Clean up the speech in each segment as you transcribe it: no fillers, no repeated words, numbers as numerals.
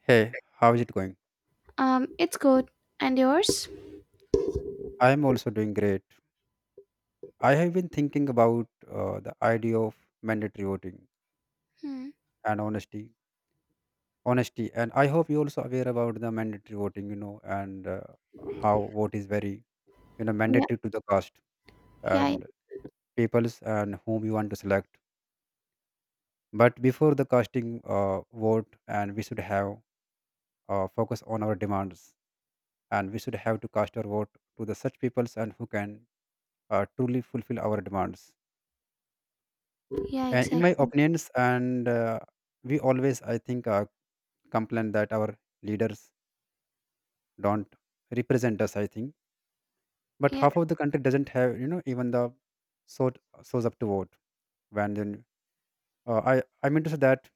Hey, how is it going? It's good. And yours? I'm also doing great. I have been thinking about the idea of mandatory voting Hmm. and honesty, and I hope you also aware about the mandatory voting, you know, and how vote is very, you know, Yeah, mandatory to the cast yeah, and peoples and whom you want to select. But before the casting vote, and we should have focus on our demands, and we should have to cast our vote to the such peoples and who can truly fulfill our demands. yeah, And in my exactly. opinions and we always I think complain that our leaders don't represent us I think, but Yeah. half of the country doesn't have, you know, even the sort shows up to vote when then I mean to say that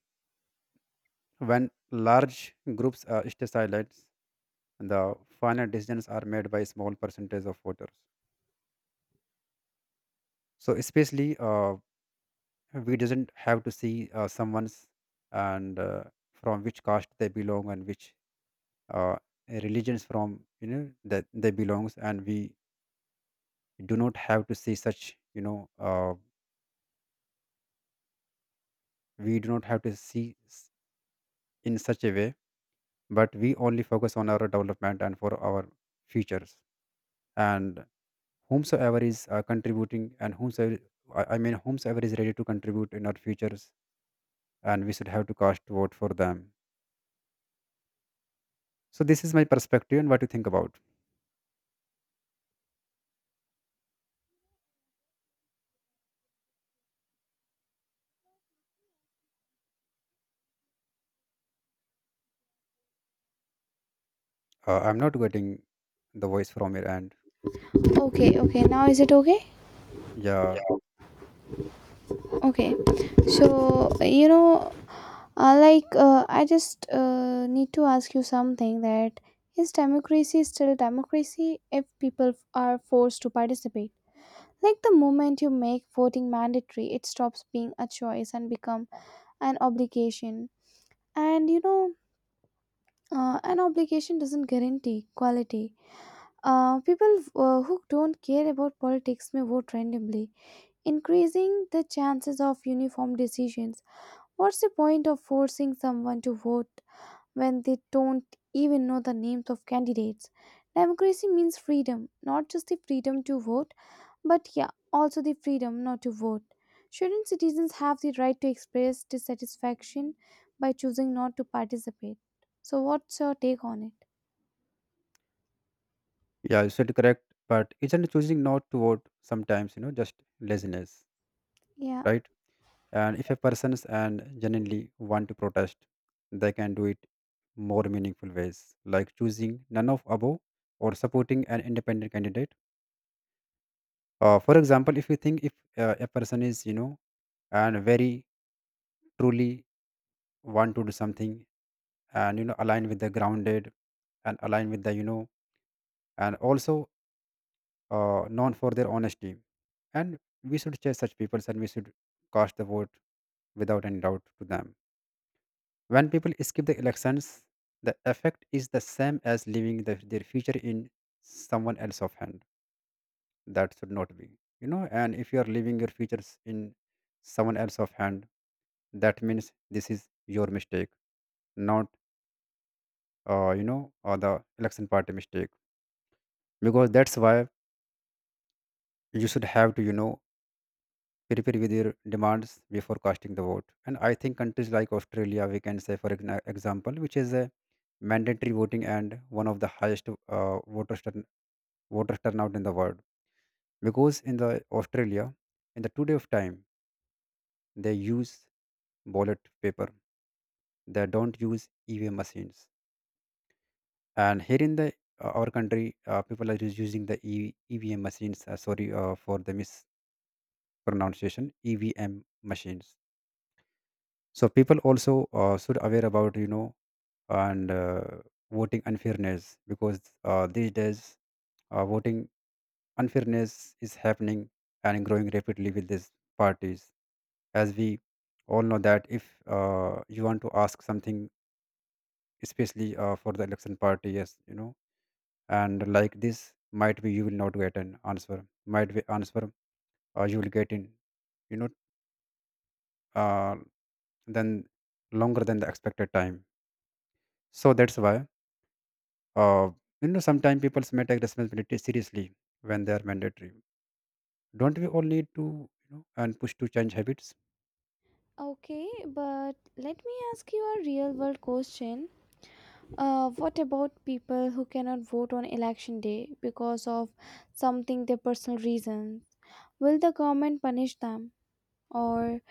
when large groups stay silent, the final decisions are made by small percentage of voters. So especially we doesn't have to see someone's and from which caste they belong and which uh, religions from, you know, that they belongs, and we do not have to see such, you know, we do not have to see in such a way, but we only focus on our development and for our futures, and whomsoever is contributing and whomsoever I mean whomsoever is ready to contribute in our futures, and we should have to cast vote for them. So this is my perspective, and what you think about? I'm not getting the voice from your end. Okay, okay. Now is it okay? Yeah. Okay. So, you know, I just need to ask you something. That is, democracy still democracy if people are forced to participate? Like, the moment you make voting mandatory, it stops being a choice and become an obligation. And, you know, an obligation doesn't guarantee quality. People who don't care about politics may vote randomly, increasing the chances of uniform decisions. What's the point of forcing someone to vote when they don't even know the names of candidates? Democracy means freedom, not just the freedom to vote, but yeah, also the freedom not to vote. Shouldn't citizens have the right to express dissatisfaction by choosing not to participate? So, what's your take on it? Yeah, you said correct, but isn't choosing not to vote sometimes, you know, just laziness, Yeah. right? And if a person's and genuinely want to protest, they can do it more meaningful ways, like choosing none of above or supporting an independent candidate. For example, if you think if a person is, you know, and very truly want to do something and, you know, align with the grounded and align with the, you know, and also known for their honesty. And we should chase such people, and we should cast the vote without any doubt to them. When people skip the elections, the effect is the same as leaving the, their future in someone else's hand. That should not be, you know. And if you are leaving your futures in someone else's hand, that means this is your mistake, not you know, or the election party mistake. Because that's why you should have to, you know, prepare with your demands before casting the vote. And I think countries like Australia, we can say, for example, which is a mandatory voting and one of the highest voter turnout in the world. Because in the Australia, in the 2 day of time, they use ballot paper. They don't use EVM machines. And here in the our country, people are just using the EVM machines. Sorry for the mispronunciation. EVM machines. So people also should aware about, you know, and voting unfairness, because these days voting unfairness is happening and growing rapidly with these parties, as we all know that if you want to ask something, especially for the election party, yes, you know, and like this might be you will not get an answer, might be answer you will get in, you know, uh, then longer than the expected time. So that's why Uh, you know, sometimes people may take responsibility seriously when they are mandatory. Don't we all need to, you know, and push to change habits? Okay, but let me ask you a real world question. What about people who cannot vote on election day because of something their personal reasons? Will the government punish them? Or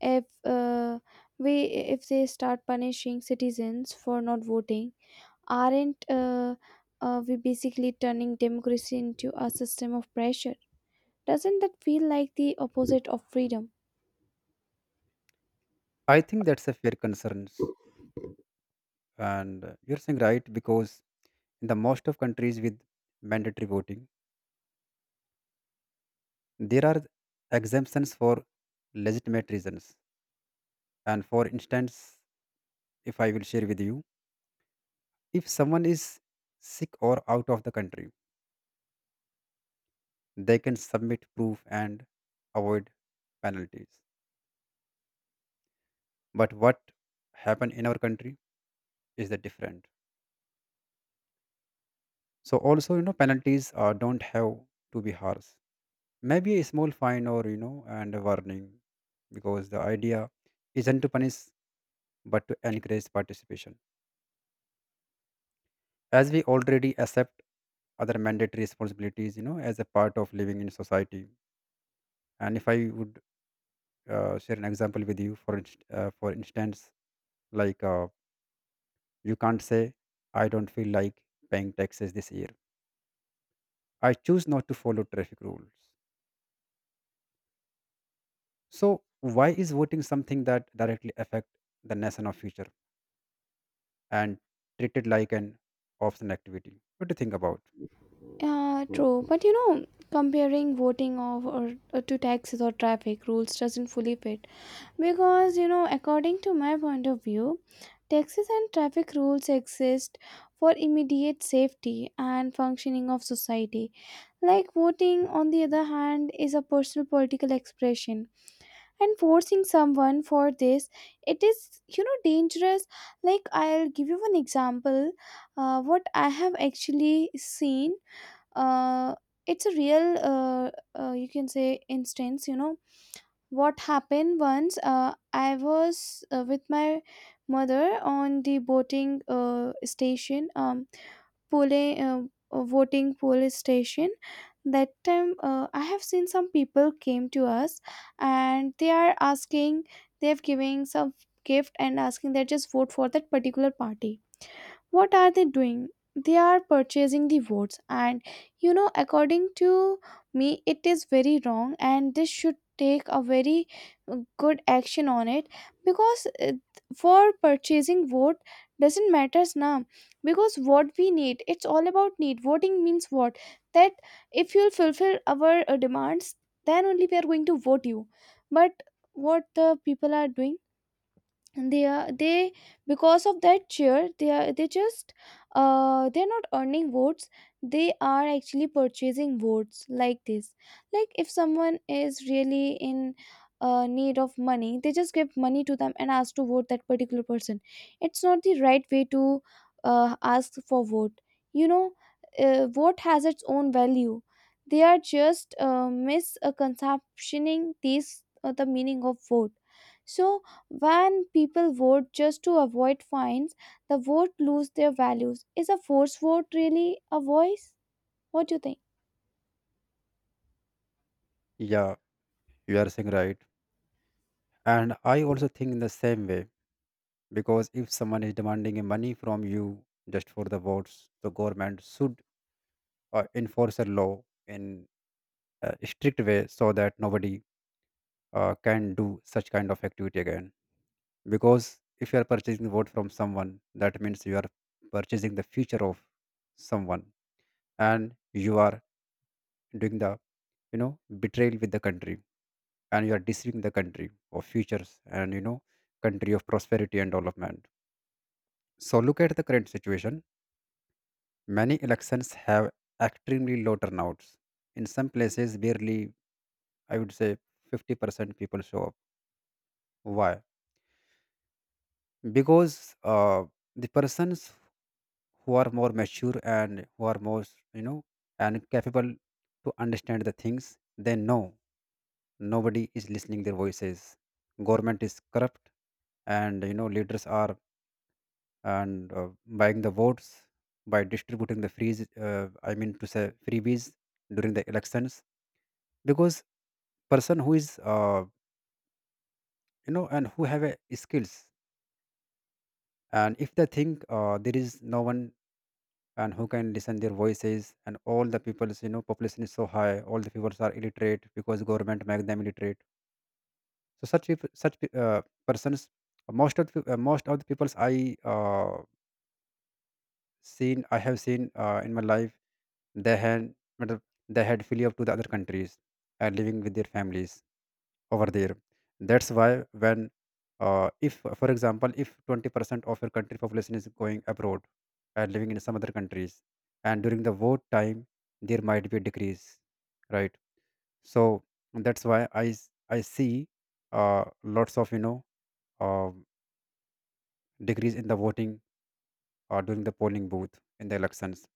if we if they start punishing citizens for not voting, aren't we basically turning democracy into a system of pressure? Doesn't that feel like the opposite of freedom? I think that's a fair concerns, and you're saying right, because in the most of countries with mandatory voting, there are exemptions for legitimate reasons. And for instance, if I will share with you, if someone is sick or out of the country, they can submit proof and avoid penalties. But what happened in our country? Is the different. So also, you know, penalties don't have to be harsh. Maybe a small fine or, you know, and a warning, because the idea isn't to punish but to encourage participation. As we already accept other mandatory responsibilities, you know, as a part of living in society. And if I would share an example with you, for for instance, like you can't say, "I don't feel like paying taxes this year." I choose not to follow traffic rules. So why is voting something that directly affect the nation of future and treated like an optional activity? What do you think about? Yeah, true. But you know, comparing voting or to taxes or traffic rules doesn't fully fit because, you know, according to my point of view, taxes and traffic rules exist for immediate safety and functioning of society. Like voting, on the other hand, is a personal political expression, and forcing someone for this, it is, you know, dangerous. Like, I'll give you an example, what I have actually seen. uh, it's a real you can say instance, you know. What happened once, I was with my mother on the boating station pole voting police station. That time, I have seen some people came to us and they are asking, they have giving some gift and asking that just vote for that particular party. What are they doing? They are purchasing the votes, and you know, according to me, it is very wrong, and this should take a very good action on it. Because for purchasing vote doesn't matters now, because what we need, it's all about need. Voting means what? That if you'll fulfill our demands, then only we are going to vote you. But what the people are doing, and they are they because of that chair, they just they're not earning votes, they are actually purchasing votes like this. Like if someone is really in need of money, they just give money to them and ask to vote that particular person. It's not the right way to ask for vote, you know. Vote has its own value. They are just misconceptioning these, the meaning of vote. So when people vote just to avoid fines, the vote lose their values. Is a forced vote really a voice? What do you think? Yeah, you are saying right. And I also think in the same way, because if someone is demanding a money from you just for the votes, the government should enforce a law in a strict way, so that nobody can do such kind of activity again. Because if you are purchasing vote from someone, that means you are purchasing the future of someone, and you are doing the, you know, betrayal with the country, and you are deceiving the country of futures and, you know, country of prosperity and development. So look at the current situation. Many elections have extremely low turnouts. In some places, barely, I would say, 50% people show up. Why? Because the persons who are more mature and who are more, you know, and capable to understand the things, they know nobody is listening their voices. Government is corrupt, and, you know, leaders are and buying the votes by distributing the freeze, I mean to say freebies, during the elections. Because person who is, you know, and who have a skills, and if they think there is no one and who can listen their voices, and all the people's, you know, population is so high, all the people are illiterate because government make them illiterate. So such peop- such pe- persons, most of the peoples I have seen in my life, they had matlab, they had flee up to the other countries and living with their families over there. That's why when, if, for example, if 20% of your country population is going abroad and living in some other countries, and during the war time there might be a decrease, right? So that's why I see lots of, you know, Um, decrease in the voting or during the polling booth in the elections.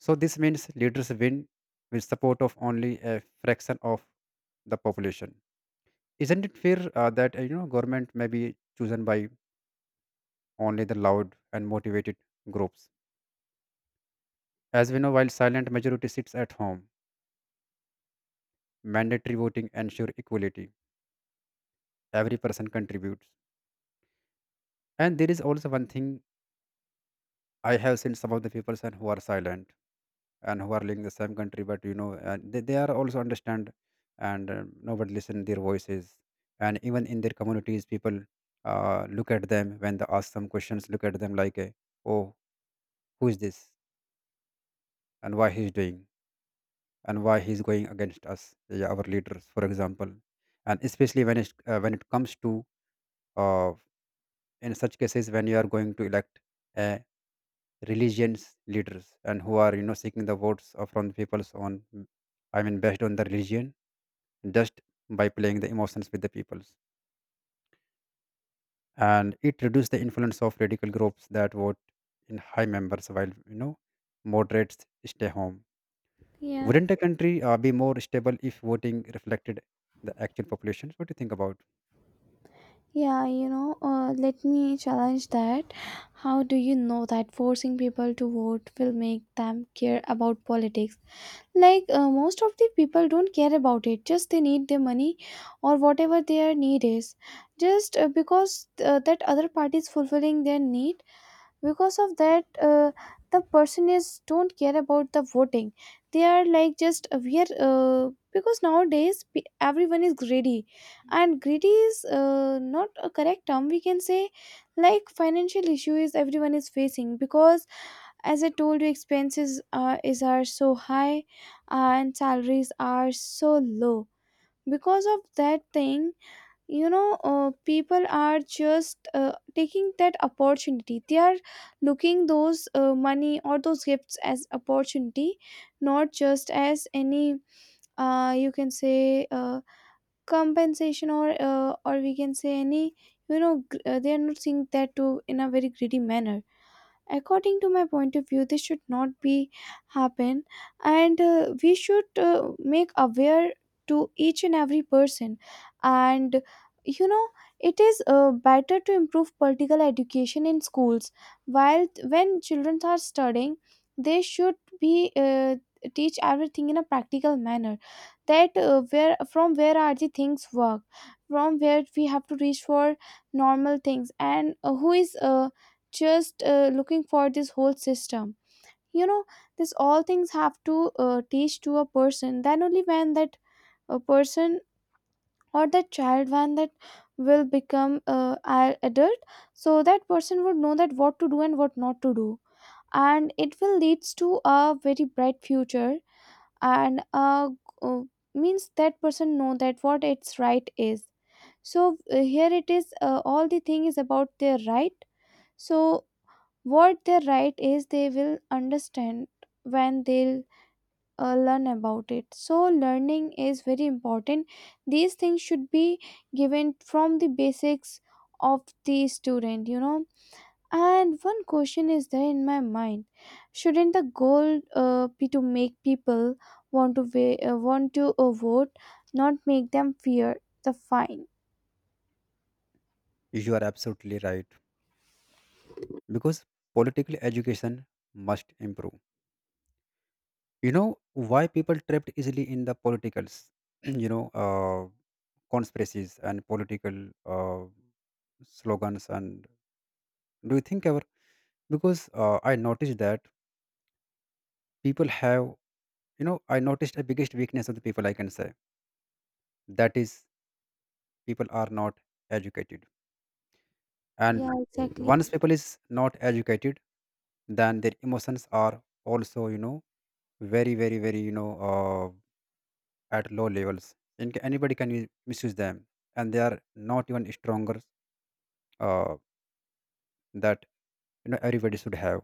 So this means leaders win with support of only a fraction of the population. Isn't it fair that, you know, government may be chosen by only the loud and motivated groups? As we know, while silent majority sits at home, mandatory voting ensure equality. Every person contributes. And there is also one thing, I have seen some of the people who are silent and who are living in the same country, but, you know, they are also understand, and nobody listen their voices, and even in their communities people look at them when they ask some questions, look at them like, oh, who is this and why he's doing and why he's going against us. Yeah, our leaders, for example. And especially when it comes to uh, in such cases when you are going to elect uh, religions leaders and who are, you know, seeking the votes of from the people's on, I mean based on the religion, just by playing the emotions with the peoples. And it reduces the influence of radical groups that vote in high members while, you know, moderates stay home. Yeah. Wouldn't a country be more stable if voting reflected the actual population? What do you think about? Yeah, you know, let me challenge that. How do you know that forcing people to vote will make them care about politics? Like, most of the people don't care about it, just they need their money or whatever their need is. Just because that other party is fulfilling their need, because of that, the person is don't care about the voting. They are like, just we are because nowadays everyone is greedy, and greedy is not a correct term, we can say. Like, financial issue is, everyone is facing, because as I told you, expenses is are so high and salaries are so low. Because of that thing, you know, people are just taking that opportunity. They are looking those money or those gifts as opportunity, not just as any you can say compensation, or or we can say any they are not seeing that too in a very greedy manner. According to my point of view, this should not be happen, and we should make aware to each and every person. And you know, it is better to improve political education in schools. While when children are studying, they should be teach everything in a practical manner. That where from where are the things work, from where we have to reach for normal things. And who is just looking for this whole system, you know. This all things have to teach to a person. Then only when that a person or that child, when that will become a adult, so that person would know that what to do and what not to do, and it will leads to a very bright future. And uh, Means that person know that what its right is. So here it is, all the thing is about their right. So what they're right is, they will understand when they'll learn about it. So learning is very important. These things should be given from the basics of the student, you know. And one question is there in my mind: shouldn't the goal be to make people want to vote, not make them fear the fine? You are absolutely right, because political education must improve. You know why people trapped easily in the politicals you know, conspiracies and political uh, slogans? And do you think our, because, I noticed that people have, you know, I noticed a biggest weakness of the people, I can say, that is, people are not educated, and Yeah, exactly. once people is not educated, then their emotions are also, you know, very, very, very, you know, at low levels. And anybody can misuse them, and they are not even stronger uh, that, you know, everybody should have.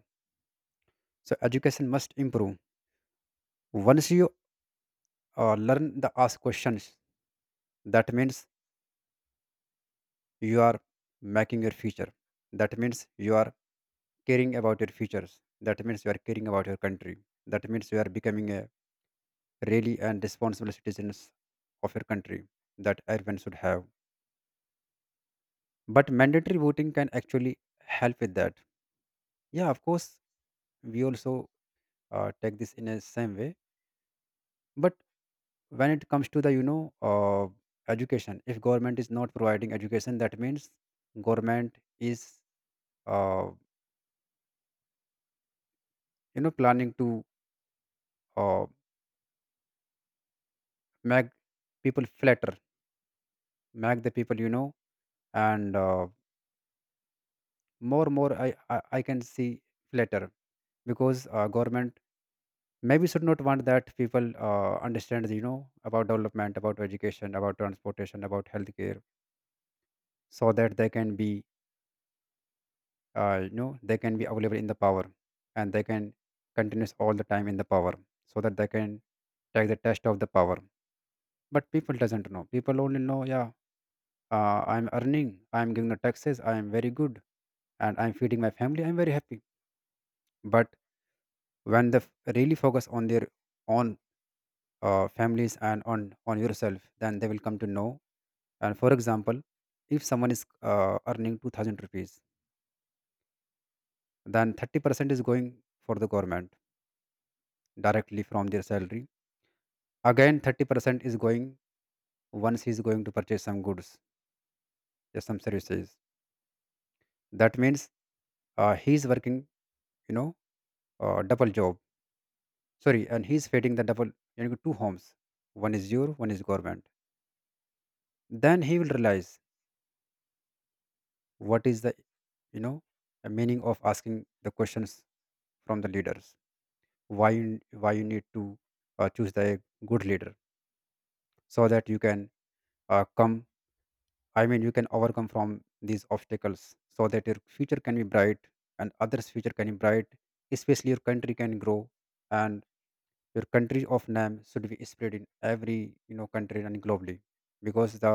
So education must improve. Once you learn the ask questions, that means you are making your future, that means you are caring about your futures, that means you are caring about your country, that means you are becoming a really and responsible citizens of your country that everyone should have. But mandatory voting can actually help with that. Yeah, of course we also take this in a same way. But when it comes to the education, if government is not providing education, that means government is uh, planning to uh, make people flatter, make the people, you know and more I can see flatter, because government maybe should not want that people understand, you know, about development, about education, about transportation, about healthcare, so that they can be, they can be available in the power, and they can continue all the time in the power, so that they can take the test of the power. But people doesn't know, people only know, yeah, I'm earning, I'm giving the taxes, I am very good, and I'm feeding my family, I'm very happy. But when they really focus on their own families and on yourself, then they will come to know. And for example, if someone is earning 2,000 rupees, then 30% is going for the government directly from their salary. Again, 30% is going once he's going to purchase some goods, yeah, some services. That means he's working, you know, double job. Sorry, and he's feeding the double, you know, two homes. One is your, one is government, then he will realize what is the, you know, a meaning of asking the questions from the leaders. Why you, why you need to choose the good leader, so that you can come I mean you can overcome from these obstacles, so that your future can be bright, and others future can be bright, especially your country can grow, and your country of name should be spread in every, you know, country and globally, because the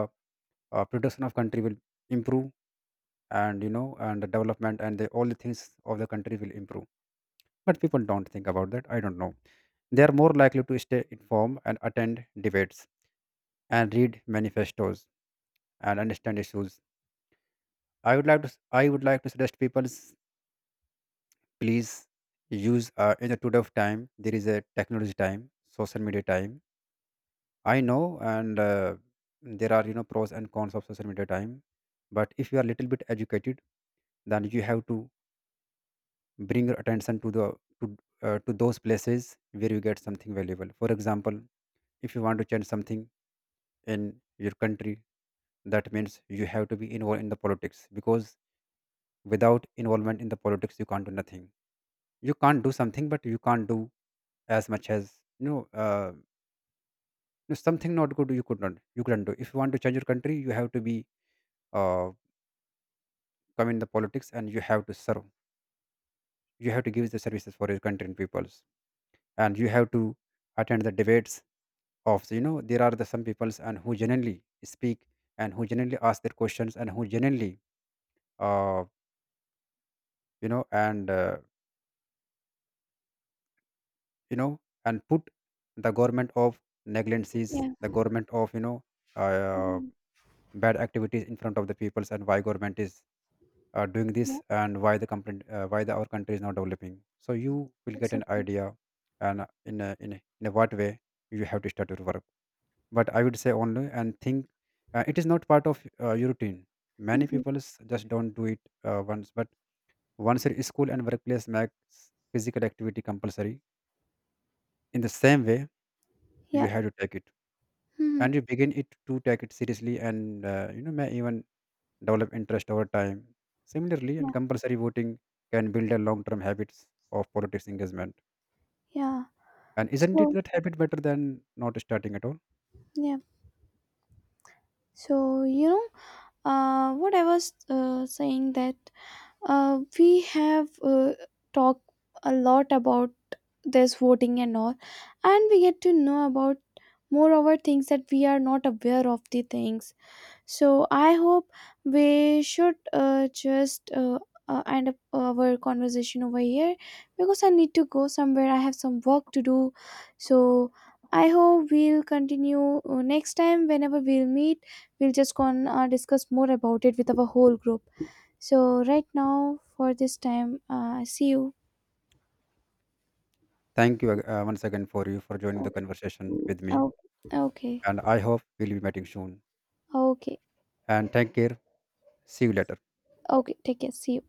production of country will improve, and, you know, and the development and all the things of the country will improve. But people don't think about that, I don't know. They are more likely to stay informed and attend debates and read manifestos and understand issues. I would like to suggest people, please use, in the today of time there is a technology time, social media time, I know, and there are, you know, pros and cons of social media time. But if you are little bit educated, then you have to bring your attention to the to, to those places where you get something valuable. For example, if you want to change something in your country, that means you have to be involved in the politics, because without involvement in the politics you can't do nothing. You can't do something, but you can't do as much as, no, something not good you could not, you couldn't do. If you want to change your country, you have to be uh, come in the politics, and you have to serve, you have to give the services for your country and peoples. And you have to attend the debates of, you know, there are the some peoples and who genuinely speak, and who genuinely ask their questions, and who genuinely, uh, you know and uh, you know and put the government of negligencies, Yeah. the government of, you know, uh, Mhm. bad activities in front of the peoples. And why government is doing Yeah, this, and why the company, why the our country is not developing, so you will get an exactly. idea, and in a, in a, in a what way you have to start your work. But I would say only and think it is not part of your routine. many Hmm. people s- just don't do it. uh, once but Once your school and workplace makes physical activity compulsory, in the same way you Yeah. have to take it, Hmm. and you begin it to take it seriously, and, you know, may even develop interest over time. Similarly and Yeah. compulsory voting can build a long term habits of politics engagement. Yeah. And isn't it So that habit better than not starting at all? yeah, so you know, what I was saying that we have talked a lot about this voting and all, and we get to know about moreover things that we are not aware of the things. So I hope we should just end up our conversation over here, because I need to go somewhere. I have some work to do. So I hope we'll continue next time. Whenever we'll meet, we'll just con discuss more about it with our whole group. So right now, for this time, see you. Thank you once again for you for joining the conversation with me, Okay. Okay. and I hope we'll be meeting soon. Okay. Okay. And take care. See you later. Okay. Take care. See you.